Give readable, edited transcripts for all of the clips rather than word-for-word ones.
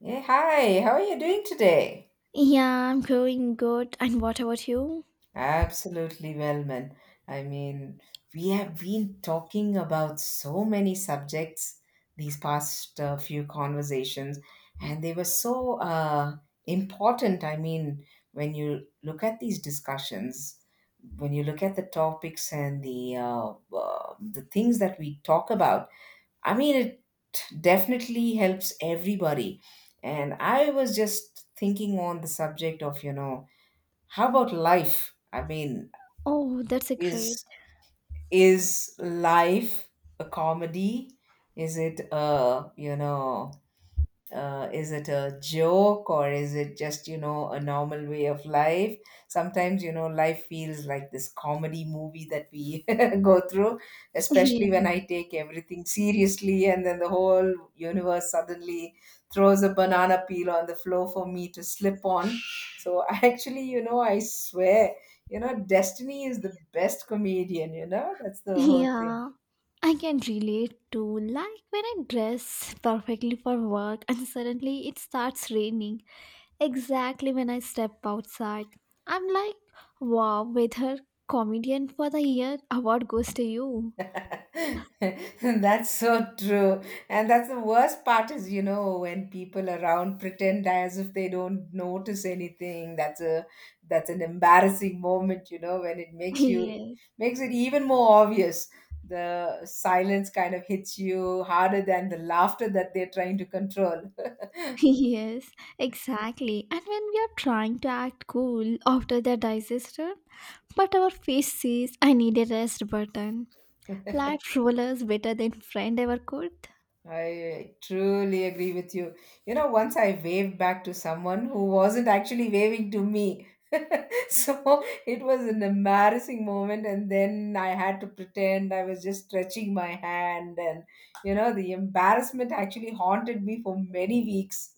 Hey, hi, how are you doing today? Yeah, I'm doing good. And what about you? Absolutely well, man. I mean, we have been talking about so many subjects these past few conversations, and they were so important. When you look at these discussions, when you look at the topics and the things that we talk about, it definitely helps everybody. And I was just thinking on the subject of, you know, how about life? I mean, Oh, that's a great. is is life a comedy? Is it a, you know, is it a joke, or is it just, you know, a normal way of life? Sometimes, you know, life feels like this comedy movie that we go through, especially when Yes. I take everything seriously, and then the whole universe suddenly throws a banana peel on the floor for me to slip on. So actually, you know, I swear, you know, destiny is the best comedian, you know, that's the whole thing. Yeah. I can relate to like when I dress perfectly for work and suddenly it starts raining exactly when I step outside. I'm like, wow, weather comedian for the year award goes to you. That's so true. And that's the worst part is, you know, when people around pretend as if they don't notice anything. That's an embarrassing moment, you know, when it makes you, Yes, makes it even more obvious. The silence kind of hits you harder than the laughter that they're trying to control. yes, exactly. And when we are trying to act cool after the disaster, but our face says, I need a rest button. Flat rollers better than friend ever could? I truly agree with you. You know, once I waved back to someone who wasn't actually waving to me. So it was an embarrassing moment, and then I had to pretend I was just stretching my hand, and you know, the embarrassment actually haunted me for many weeks.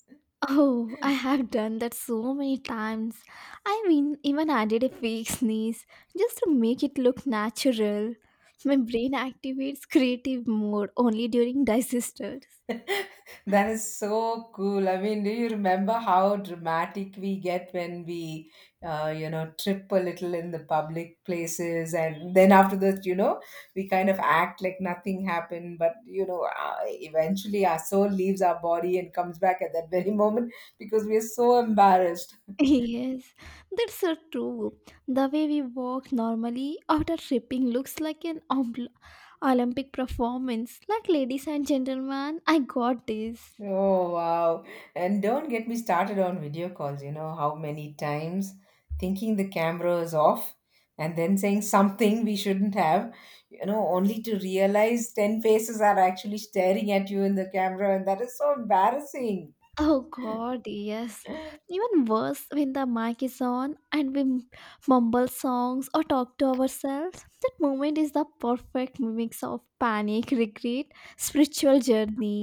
Oh, I have done that so many times. I mean, even added a fake sneeze just to make it look natural. My brain activates creative mode only during disasters. That is so cool. I mean, do you remember how dramatic we get when we, you know, trip a little in the public places, and then after that, you know, we kind of act like nothing happened, but you know, eventually our soul leaves our body and comes back at that very moment because we are so embarrassed. Yes, that's so true. The way we walk normally after tripping looks like an Olympic performance. Like, ladies and gentlemen, I got this. Oh, wow. And don't get me started on video calls. You know how many times thinking the camera is off and then saying something we shouldn't have, you know, only to realize 10 faces are actually staring at you in the camera. And that is so embarrassing. Oh god, yes. Even worse when the mic is on and we mumble songs or talk to ourselves. That moment is the perfect mix of panic, regret, spiritual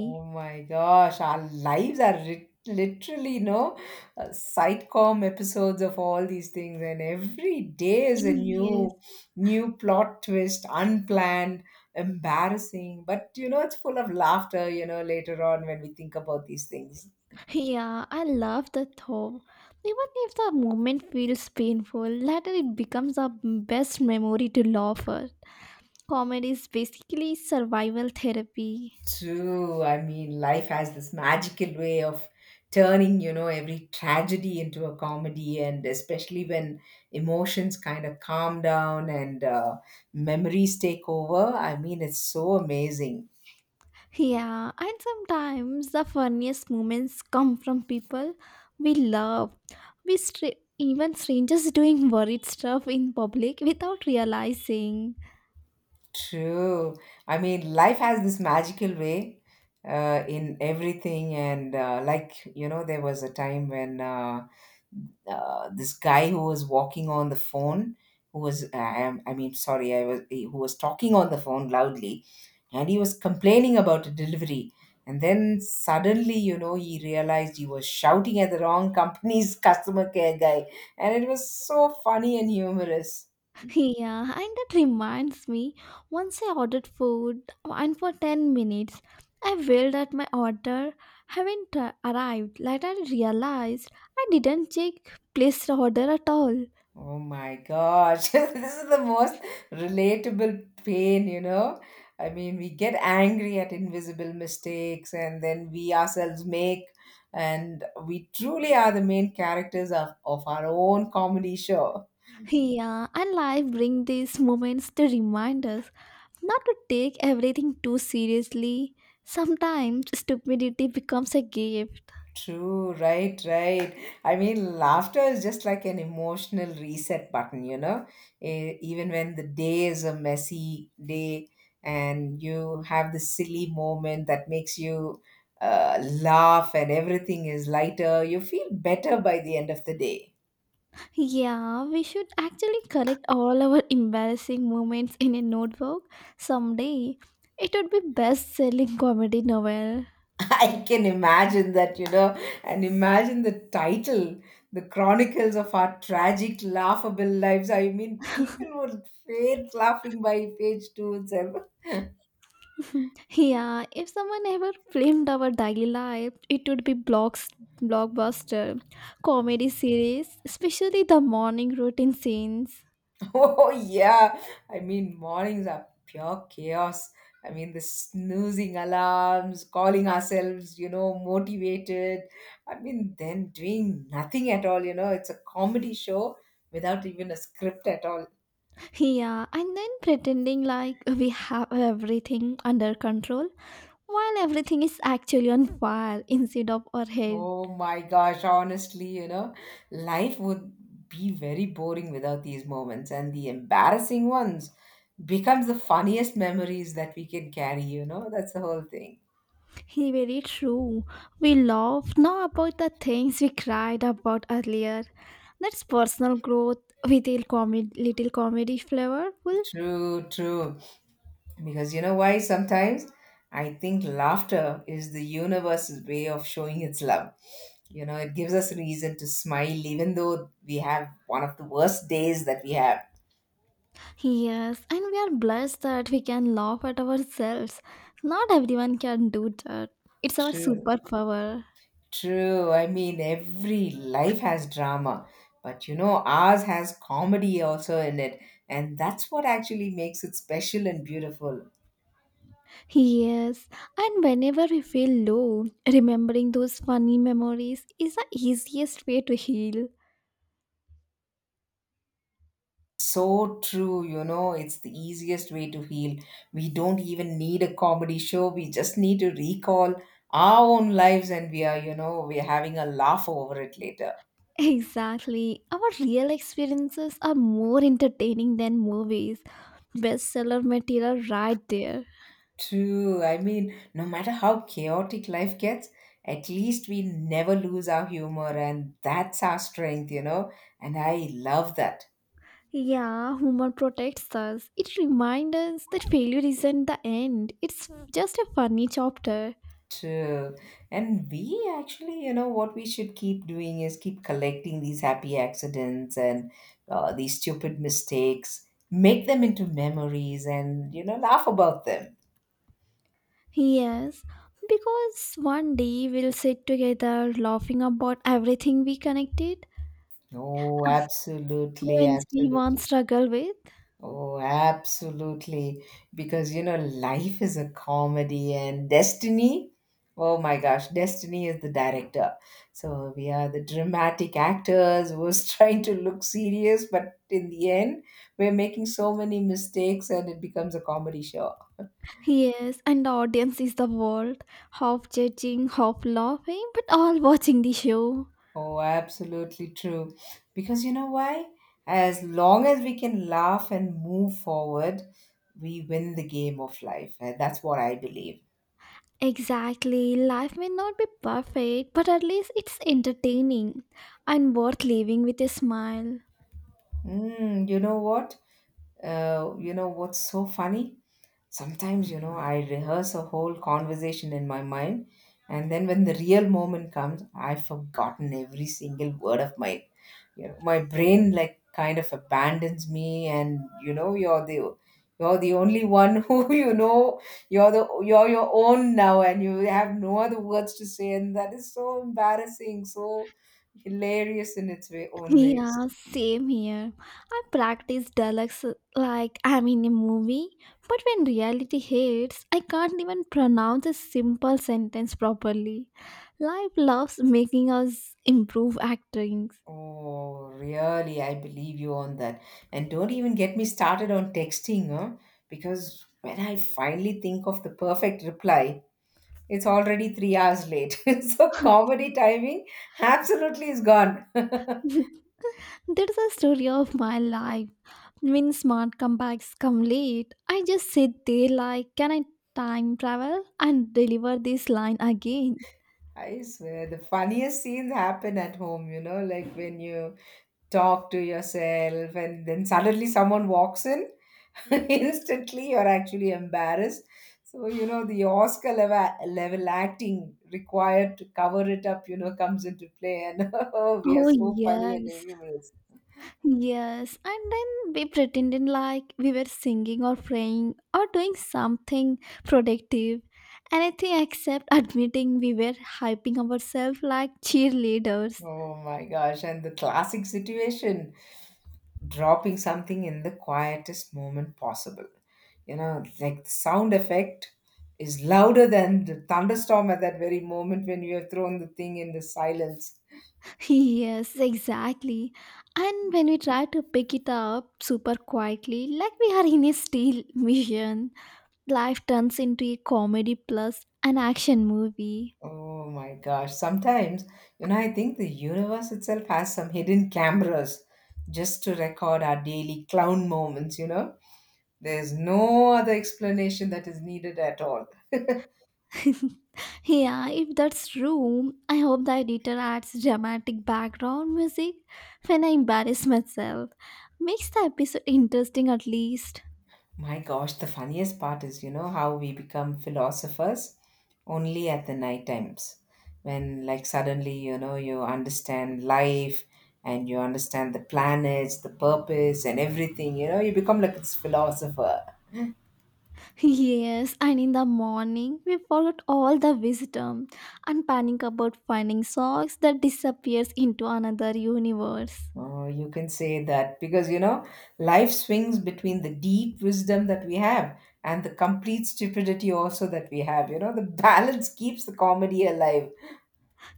Oh my gosh, our lives are literally, no, sitcom episodes of all these things, and every day is a Yes. New plot twist, unplanned, embarrassing. But you know, it's full of laughter. You know, later on when we think about these things. Yeah, I love the thought. Even if the moment feels painful, later it becomes the best memory to laugh at. Comedy is basically survival therapy. True. I mean, life has this magical way of turning, you know, every tragedy into a comedy, and especially when emotions kind of calm down and memories take over. I mean, it's so amazing. Yeah, and sometimes the funniest moments come from people we love. We stra- Even strangers doing worried stuff in public without realizing. True. I mean, life has this magical way in everything. And like, you know, there was a time when this guy who was walking on the phone, who was, I, am- I mean, sorry, I was, who was talking on the phone loudly, and he was complaining about a delivery. And then suddenly, you know, he realized he was shouting at the wrong company's customer care guy. And it was so funny and humorous. Yeah, and that reminds me once I ordered food and for 10 minutes I wailed at my order haven't arrived. Later I realized I didn't check placed order at all. Oh my gosh, this is the most relatable pain, you know. I mean, we get angry at invisible mistakes and then we ourselves make, and we truly are the main characters of our own comedy show. Yeah, and life bring these moments to remind us not to take everything too seriously, sometimes stupidity becomes a gift. True, right, right. I mean, laughter is just like an emotional reset button, you know, even when the day is a messy day and you have this silly moment that makes you laugh, and everything is lighter, you feel better by the end of the day. Yeah, we should actually collect all our embarrassing moments in a notebook someday. It would be best-selling comedy novel. I can imagine that, you know, and imagine the title, The Chronicles of Our Tragic Laughable Lives. I mean, people would faint laughing by page two itself. Yeah, if someone ever filmed our daily life, it would be blocks blockbuster comedy series, especially the morning routine scenes. Oh, yeah. I mean, mornings are pure chaos. I mean, the snoozing alarms, calling ourselves, you know, motivated. I mean, then doing nothing at all, you know, it's a comedy show without even a script at all. Yeah, and then pretending like we have everything under control while everything is actually on fire inside of our head. Oh my gosh, honestly, you know, life would be very boring without these moments, and the embarrassing ones becomes the funniest memories that we can carry, you know, that's the whole thing. He very true. We laugh now about the things we cried about earlier. That's personal growth with a comedy, little comedy flavorful. True, true. Because you know why? Sometimes I think laughter is the universe's way of showing its love. You know, it gives us a reason to smile, even though we have one of the worst days that we have. Yes, and we are blessed that we can laugh at ourselves. Not everyone can do that. It's our True. superpower. True. I mean, every life has drama, but you know, ours has comedy also in it. And that's what actually makes it special and beautiful. Yes, and whenever we feel low, remembering those funny memories is the easiest way to heal. So true, you know, it's the easiest way to heal. We don't even need a comedy show. We just need to recall our own lives, and we are, you know, we're having a laugh over it later. Exactly. Our real experiences are more entertaining than movies. Bestseller material right there. True. I mean, no matter how chaotic life gets, at least we never lose our humor, and that's our strength, you know, and I love that. Yeah, humor protects us. It reminds us that failure isn't the end, it's just a funny chapter. True. And we actually, you know, what we should keep doing is keep collecting these happy accidents and these stupid mistakes, make them into memories, and, you know, laugh about them. Yes, because one day we'll sit together laughing about everything we connected. Oh, absolutely, When we once absolutely. struggled with, Oh, absolutely. Because, you know, life is a comedy and destiny. Oh my gosh, destiny is the director. So we are the dramatic actors who's trying to look serious, but in the end, we're making so many mistakes, and it becomes a comedy show. yes, and the audience is the world, half judging, half laughing, but all watching the show. Oh, absolutely true. Because you know why? As long as we can laugh and move forward, we win the game of life. And that's what I believe. Exactly. Life may not be perfect, but at least it's entertaining and worth living with a smile. Mm, you know what? You know what's so funny? Sometimes, you know, I rehearse a whole conversation in my mind, and then when the real moment comes, I've forgotten every single word of mine. You know, my brain like kind of abandons me, and you know, you're the only one who, you know, you're your own now, and you have no other words to say, and that is so embarrassing, so hilarious in its way own ways. Yeah, same here. I practice dialects like I'm in a movie, but when reality hits, I can't even pronounce a simple sentence properly. Life loves making us improve acting. Oh, really? I believe you on that. And don't even get me started on texting, huh? Because when I finally think of the perfect reply, it's already 3 hours late. So comedy timing absolutely is gone. That's the story of my life. When smart comebacks come late, I just sit there like, can I time travel and deliver this line again? I swear, the funniest scenes happen at home, you know, like when you talk to yourself and then suddenly someone walks in. Instantly you're actually embarrassed, so you know the Oscar level acting required to cover it up, you know, comes into play, and oh, we are Oh, so funny and yes, humorous. yes. And then we pretended like we were singing or praying or doing something productive, anything except admitting we were hyping ourselves like cheerleaders. Oh my gosh, and the classic situation, dropping something in the quietest moment possible, you know, like the sound effect is louder than the thunderstorm at that very moment when you have thrown the thing in the silence. Yes, exactly. And when we try to pick it up super quietly, like we are in a steel mission. Life turns into a comedy plus an action movie. Oh my gosh. Sometimes, you know, I think the universe itself has some hidden cameras just to record our daily clown moments, you know? There's no other explanation that is needed at all. Yeah, if that's true, I hope the editor adds dramatic background music when I embarrass myself. Makes the episode interesting at least. My gosh, the funniest part is, you know, how we become philosophers only at the night times. When, like, suddenly, you know, you understand life, and you understand the planets, the purpose, and everything, you know, you become like this philosopher. Yes, and in the morning, we followed all the wisdom and panic about finding socks that disappears into another universe. Oh, you can say that, because you know, life swings between the deep wisdom that we have and the complete stupidity also that we have. You know, the balance keeps the comedy alive.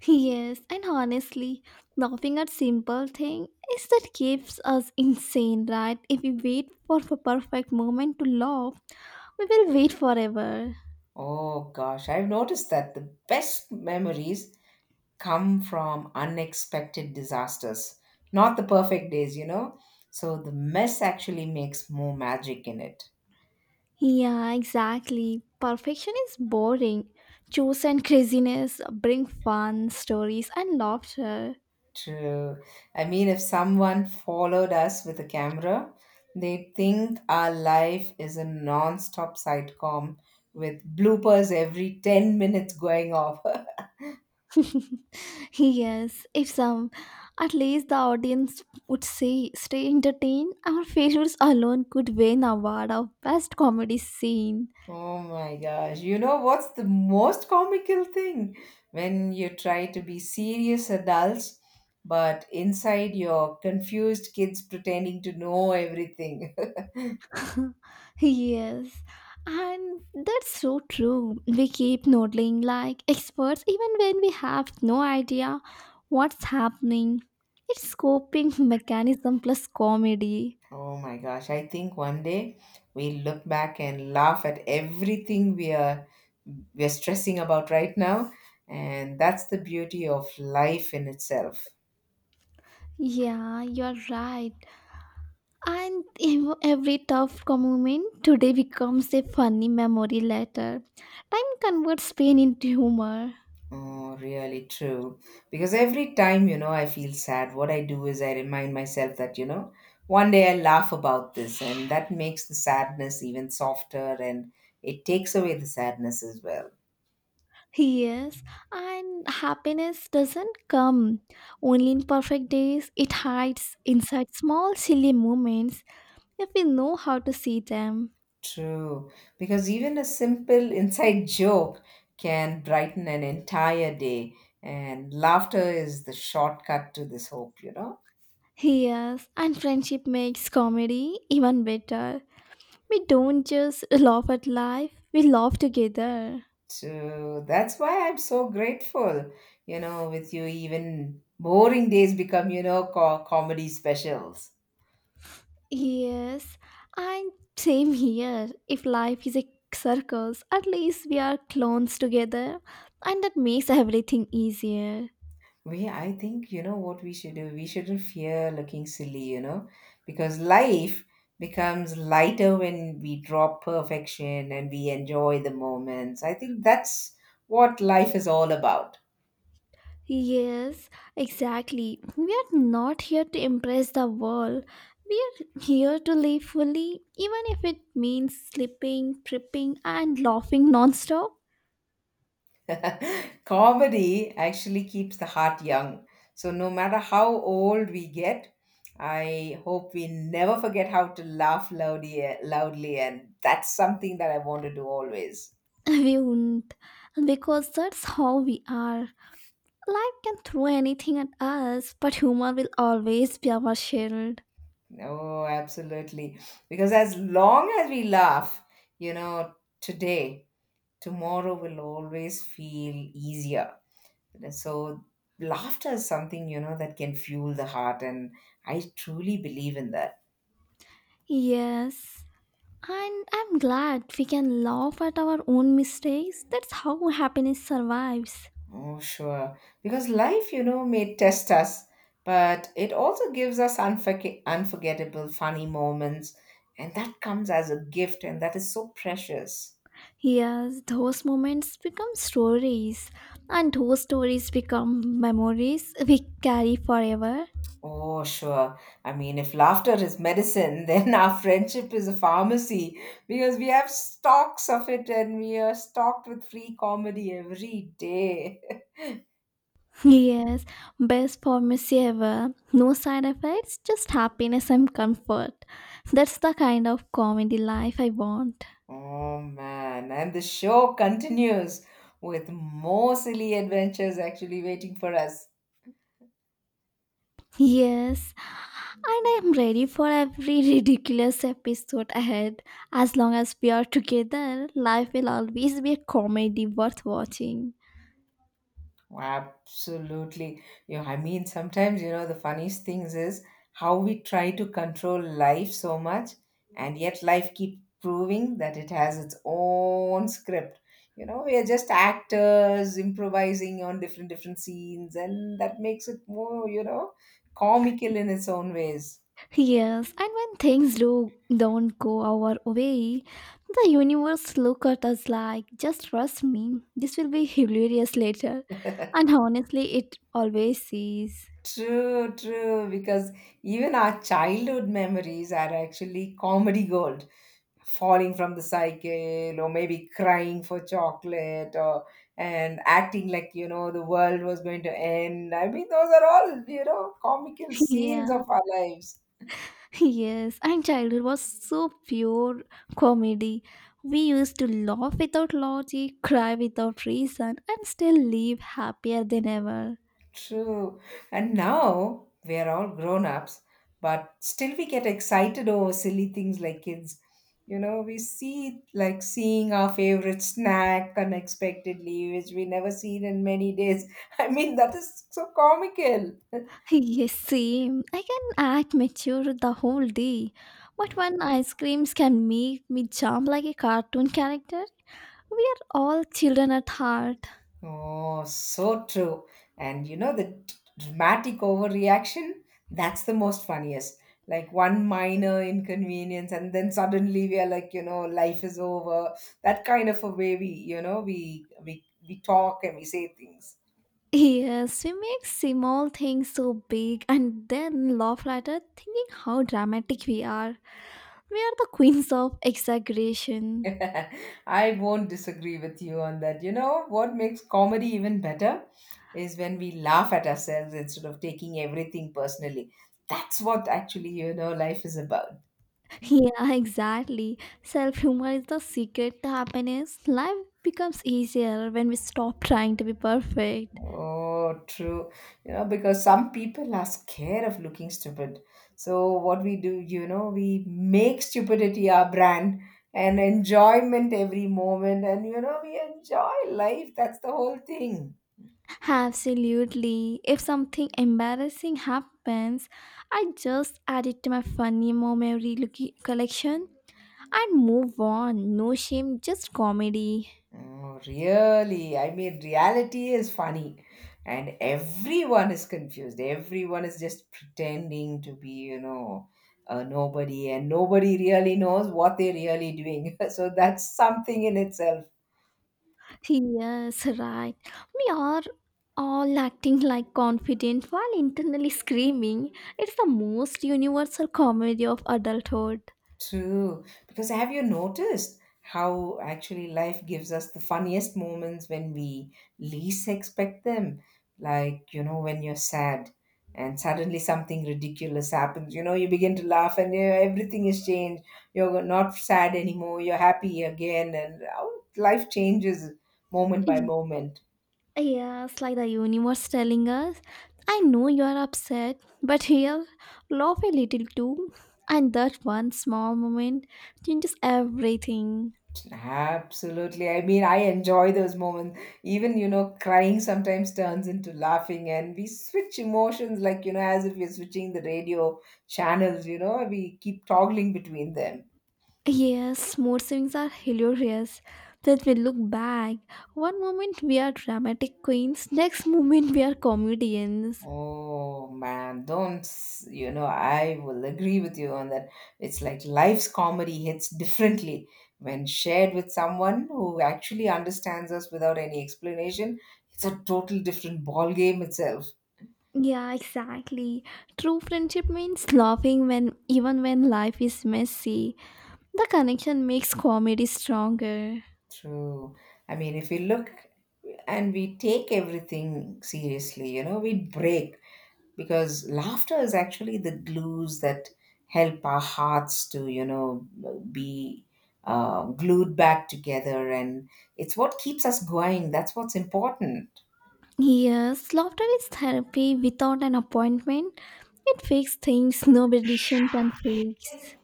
Yes, and honestly, laughing at simple thing is that keeps us insane, right? If we wait for the perfect moment to laugh, we will wait forever. Oh gosh, I've noticed that the best memories come from unexpected disasters, not the perfect days, you know. So the mess actually makes more magic in it. Yeah, exactly. Perfection is boring. Choose and craziness bring fun, stories, and laughter. True. I mean, if someone followed us with a camera, they'd think our life is a non-stop sitcom with bloopers every 10 minutes going off. Yes, if some, at least the audience would say, stay entertained, our favorites alone could win award of best comedy scene. Oh my gosh. You know what's the most comical thing? When you try to be serious adults, but inside you're confused kids pretending to know everything. Yes, and that's so true. We keep nodding like experts even when we have no idea what's happening. It's coping mechanism plus comedy. Oh my gosh, I think one day we'll look back and laugh at everything we're stressing about right now, and that's the beauty of life in itself. Yeah, you're right. And every tough moment today becomes a funny memory later. Time converts pain into humor. Oh, really true. Because every time, you know, I feel sad, what I do is I remind myself that, you know, one day I laugh about this, and that makes the sadness even softer, and it takes away the sadness as well. Yes, and happiness doesn't come only in perfect days, it hides inside small, silly moments if we know how to see them. True, because even a simple inside joke can brighten an entire day, and laughter is the shortcut to this hope, you know. Yes, and friendship makes comedy even better. We don't just laugh at life, we laugh together. So that's why I'm so grateful, you know, with you, even boring days become, you know, comedy specials. Yes, and same here. If life is a circus, at least we are clones together, and that makes everything easier. We, I think, you know what we should do? We shouldn't fear looking silly, you know, because life becomes lighter when we drop perfection and we enjoy the moments. I think that's what life is all about. Yes, exactly. We are not here to impress the world. We are here to live fully, even if it means sleeping, tripping, and laughing nonstop. Comedy actually keeps the heart young. So, no matter how old we get, I hope we never forget how to laugh loudly, and that's something that I want to do always. We won't, because that's how we are. Life can throw anything at us, but humor will always be our shield. Oh, absolutely. Because as long as we laugh, you know, today, tomorrow will always feel easier. And So, laughter is something that can fuel the heart. And I truly believe in that. Yes, and I'm glad we can laugh at our own mistakes. That's how happiness survives. Oh, sure. Because life may test us, but it also gives us unforgettable, funny moments. And that comes as a gift, and that is so precious. Yes, those moments become stories, and those stories become memories we carry forever. Oh, sure. I mean, if laughter is medicine, then our friendship is a pharmacy because we have stocks of it and we are stocked with free comedy every day. Yes, best pharmacy ever. No side effects, just happiness and comfort. That's the kind of comedy life I want. Oh, man. And the show continues with more silly adventures actually waiting for us. Yes, and I am ready for every ridiculous episode ahead. As long as we are together, life will always be a comedy worth watching. Absolutely. Yeah, I mean, sometimes, you know, the funniest things is how we try to control life so much, and yet life keep proving that it has its own script. You know, we are just actors improvising on different scenes, and that makes it more, you know, comical in its own ways. Yes, and when things do don't go our way, the universe look at us like, just trust me, this will be hilarious later. And honestly, it always is. True, because even our childhood memories are actually comedy gold. Falling from the cycle, or maybe crying for chocolate, or and acting like, you know, the world was going to end. I mean, those are all, you know, comical scenes Yeah, of our lives. yes, and childhood was so pure comedy. We used to laugh without logic, cry without reason, and still live happier than ever. True. And now we are all grown ups, but still we get excited over silly things like kids. You know, we see like seeing our favorite snack unexpectedly, which we never seen in many days. I mean, that is so comical. Yes, same. I can act mature the whole day, but when ice creams can make me jump like a cartoon character, we are all children at heart. Oh, so true. And you know, the dramatic overreaction, that's the most funniest. Like one minor inconvenience, and then suddenly we are like, you know, life is over. That kind of a way we, you know, we talk and we say things. Yes, we make small things so big and then laugh later thinking how dramatic we are. We are the queens of exaggeration. I won't disagree with you on that. You know, what makes comedy even better is when we laugh at ourselves instead of taking everything personally. That's what actually, you know, life is about. Yeah, exactly. Self humor is the secret to happiness. Life becomes easier when we stop trying to be perfect. Oh, true. You know, because some people are scared of looking stupid. So, what we do, you know, we make stupidity our brand and enjoyment every moment. And, you know, we enjoy life. That's the whole thing. Absolutely. If something embarrassing happens, I just add it to my funny memory collection and move on. No shame, just comedy. Oh, really? I mean, reality is funny. And everyone is confused. Everyone is just pretending to be, you know, a nobody. And nobody really knows what they're really doing. So, that's something in itself. Yes, right. We are all acting like confident while internally screaming. It's the most universal comedy of adulthood. True. Because have you noticed how actually life gives us the funniest moments when we least expect them? Like, you know, when you're sad and suddenly something ridiculous happens, you know, you begin to laugh and you everything is changed. You're not sad anymore, you're happy again, and how life changes moment by moment. Yes, like the universe telling us, I know you are upset, but here, laugh a little too. And that one small moment changes everything. Absolutely. I mean, I enjoy those moments. Even, you know, crying sometimes turns into laughing, and we switch emotions like, you know, as if we're switching the radio channels. You know, we keep toggling between them. Yes, mood swings are hilarious. That we look back. One moment we are dramatic queens, next moment we are comedians. Oh man, don't, s- you know, I will agree with you on that. It's like life's comedy hits differently when shared with someone who actually understands us without any explanation. It's a total different ball game itself. Yeah, exactly. True friendship means laughing when even when life is messy. The connection makes comedy stronger. True. I mean, if we look and we take everything seriously, you know, we break, because laughter is actually the glues that help our hearts to, you know, be glued back together, and it's what keeps us going. That's what's important. Yes, laughter is therapy without an appointment. It fixes things no medicine can fix.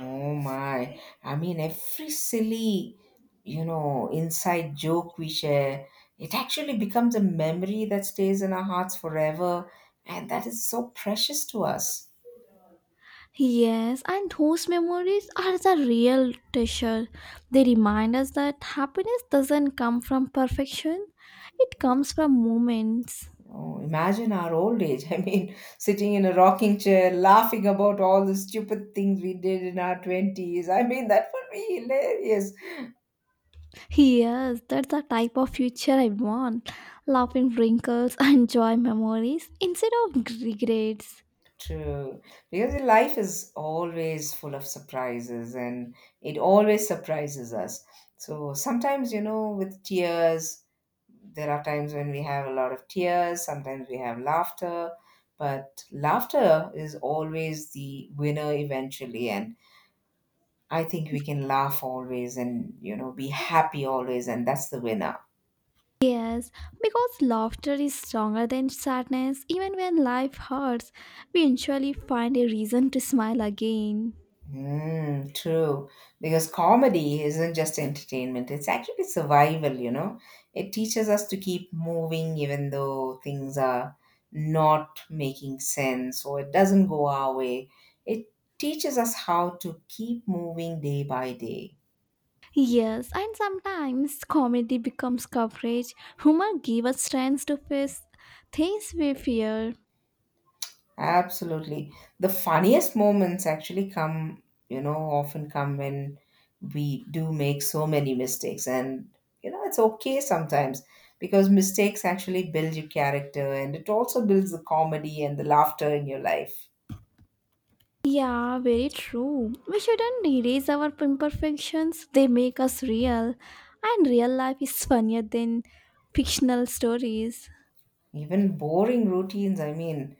Oh my. I mean, every silly, you know, inside joke we share, it actually becomes a memory that stays in our hearts forever, and that is so precious to us. Yes, and those memories are the real treasure. They remind us that happiness doesn't come from perfection, it comes from moments. Oh, imagine our old age. I mean, sitting in a rocking chair, laughing about all the stupid things we did in our 20s. I mean, that would be hilarious. Yes, that's the type of future I want. Laughing wrinkles and joy memories instead of regrets. True. Because the life is always full of surprises, and it always surprises us. So sometimes, you know, with tears, there are times when we have a lot of tears, sometimes we have laughter, but laughter is always the winner eventually. And I think we can laugh always and, you know, be happy always, and that's the winner. Yes, because laughter is stronger than sadness. Even when life hurts, we usually find a reason to smile again. Mm, true. Because comedy isn't just entertainment, it's actually survival, you know. It teaches us to keep moving even though things are not making sense or it doesn't go our way. It teaches us how to keep moving day by day. Yes, and sometimes comedy becomes coverage. Humor gives us strength to face things we fear. Absolutely. The funniest moments actually come, you know, often come when we do make so many mistakes. And, you know, it's okay sometimes because mistakes actually build your character, and it also builds the comedy and the laughter in your life. Yeah, very true. We shouldn't erase our imperfections, they make us real. And real life is funnier than fictional stories. Even boring routines, I mean,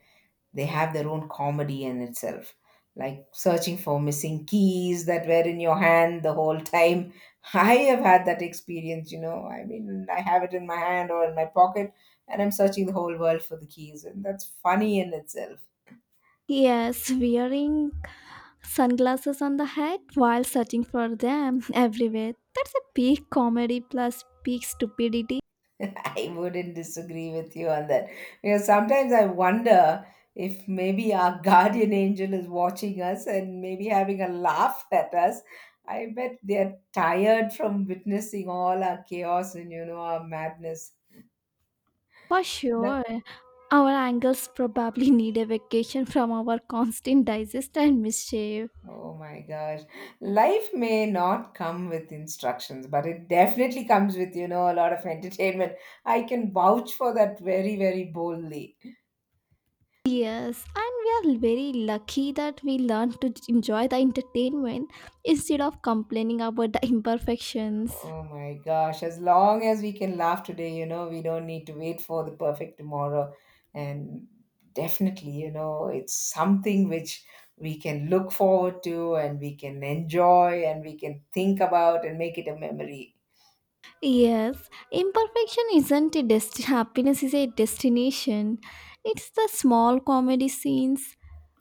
they have their own comedy in itself, like searching for missing keys that were in your hand the whole time. I have had that experience. You know, I mean, I have it in my hand or in my pocket, and I'm searching the whole world for the keys, and that's funny in itself. Yes, wearing sunglasses on the head while searching for them everywhere. That's a peak comedy plus peak stupidity. I wouldn't disagree with you on that. Because sometimes I wonder if maybe our guardian angel is watching us and maybe having a laugh at us. I bet they're tired from witnessing all our chaos and, you know, our madness. For That, sure, our angles probably need a vacation from our constant digest and mischief. oh my gosh. Life may not come with instructions, but it definitely comes with, you know, a lot of entertainment. I can vouch for that very, very boldly. Yes, and we are very lucky that we learn to enjoy the entertainment instead of complaining about the imperfections. Oh my gosh, as long as we can laugh today, you know, we don't need to wait for the perfect tomorrow. And definitely, you know, it's something which we can look forward to, and we can enjoy and we can think about and make it a memory. Yes, imperfection isn't a happiness is a destination. It's the small comedy scenes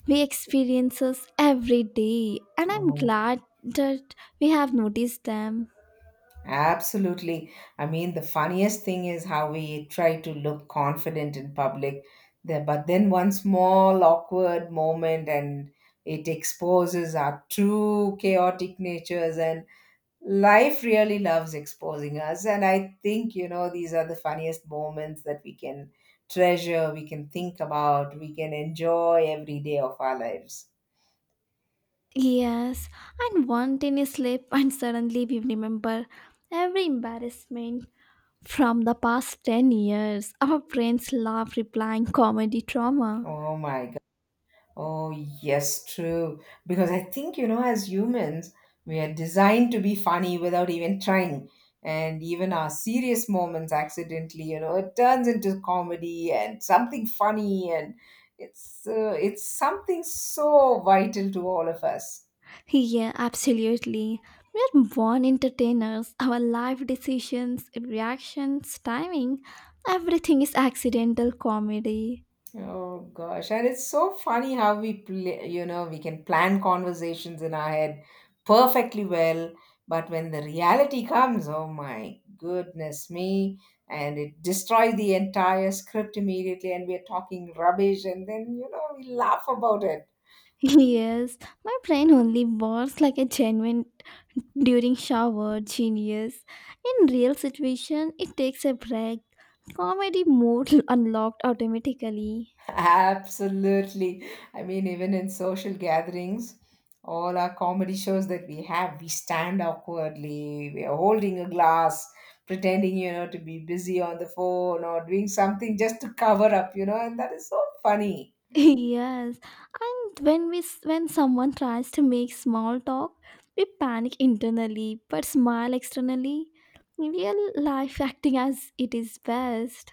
we experiences every day and I'm Oh, glad that we have noticed them. absolutely. I mean, the funniest thing is how we try to look confident in public, there, but then one small awkward moment and it exposes our true chaotic natures, and life really loves exposing us. And I think, you know, these are the funniest moments that we can treasure, we can think about, we can enjoy every day of our lives. Yes, and one tiny slip and suddenly we remember every embarrassment from the past 10 years. Our friends laugh replying comedy trauma. Oh my god. Oh, yes, true. Because I think, you know, as humans, we are designed to be funny without even trying, and even our serious moments accidentally, you know, it turns into comedy and something funny, and it's something so vital to all of us. Yeah, absolutely. We are born entertainers. Our life decisions, reactions, timing, everything is accidental comedy. Oh gosh, and it's so funny how you know, we can plan conversations in our head perfectly well, but when the reality comes, oh my goodness me, and it destroys the entire script immediately, and we're talking rubbish, and then, you know, we laugh about it. Yes, my brain only works like a genuine during shower genius. In real situation, it takes a break. Comedy mode unlocked automatically. Absolutely. I mean, even in social gatherings, all our comedy shows that we have, we stand awkwardly. We are holding a glass, pretending, you know, to be busy on the phone or doing something just to cover up, you know, and that is so funny. Yes, when when someone tries to make small talk, we panic internally but smile externally. Real life acting as it is best.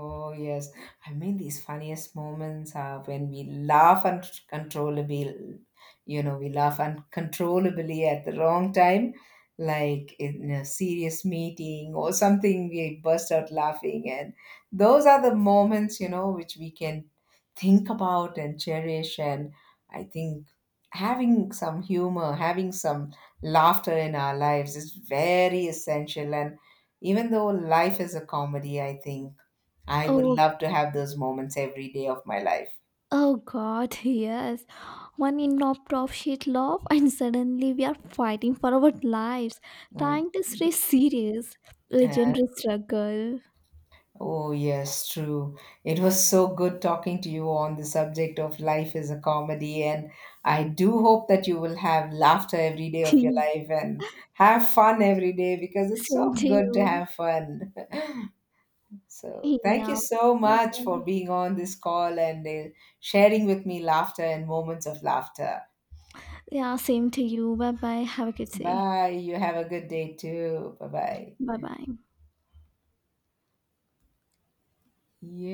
Oh, yes. I mean, these funniest moments are when we laugh uncontrollably, you know, we laugh uncontrollably at the wrong time, like in a serious meeting or something, we burst out laughing. And those are the moments, you know, which we can think about and cherish. And I think having some humor, having some laughter in our lives is very essential. And even though life is a comedy, I think I would Oh, love to have those moments every day of my life. oh god, yes. One knocked off sheet love and suddenly we are fighting for our lives, Mm. trying to stay serious. Uh, Legendary struggle. oh, yes, true. It was so good talking to you on the subject of life is a comedy, and I do hope that you will have laughter every day of your life and have fun every day because it's Same so to good to you. have fun. So, thank Yeah, you so bye much for bye. being on this call and sharing with me laughter and moments of laughter. Yeah, same to you, bye bye, have a good day. Bye. You have a good day too. Bye Bye bye. bye.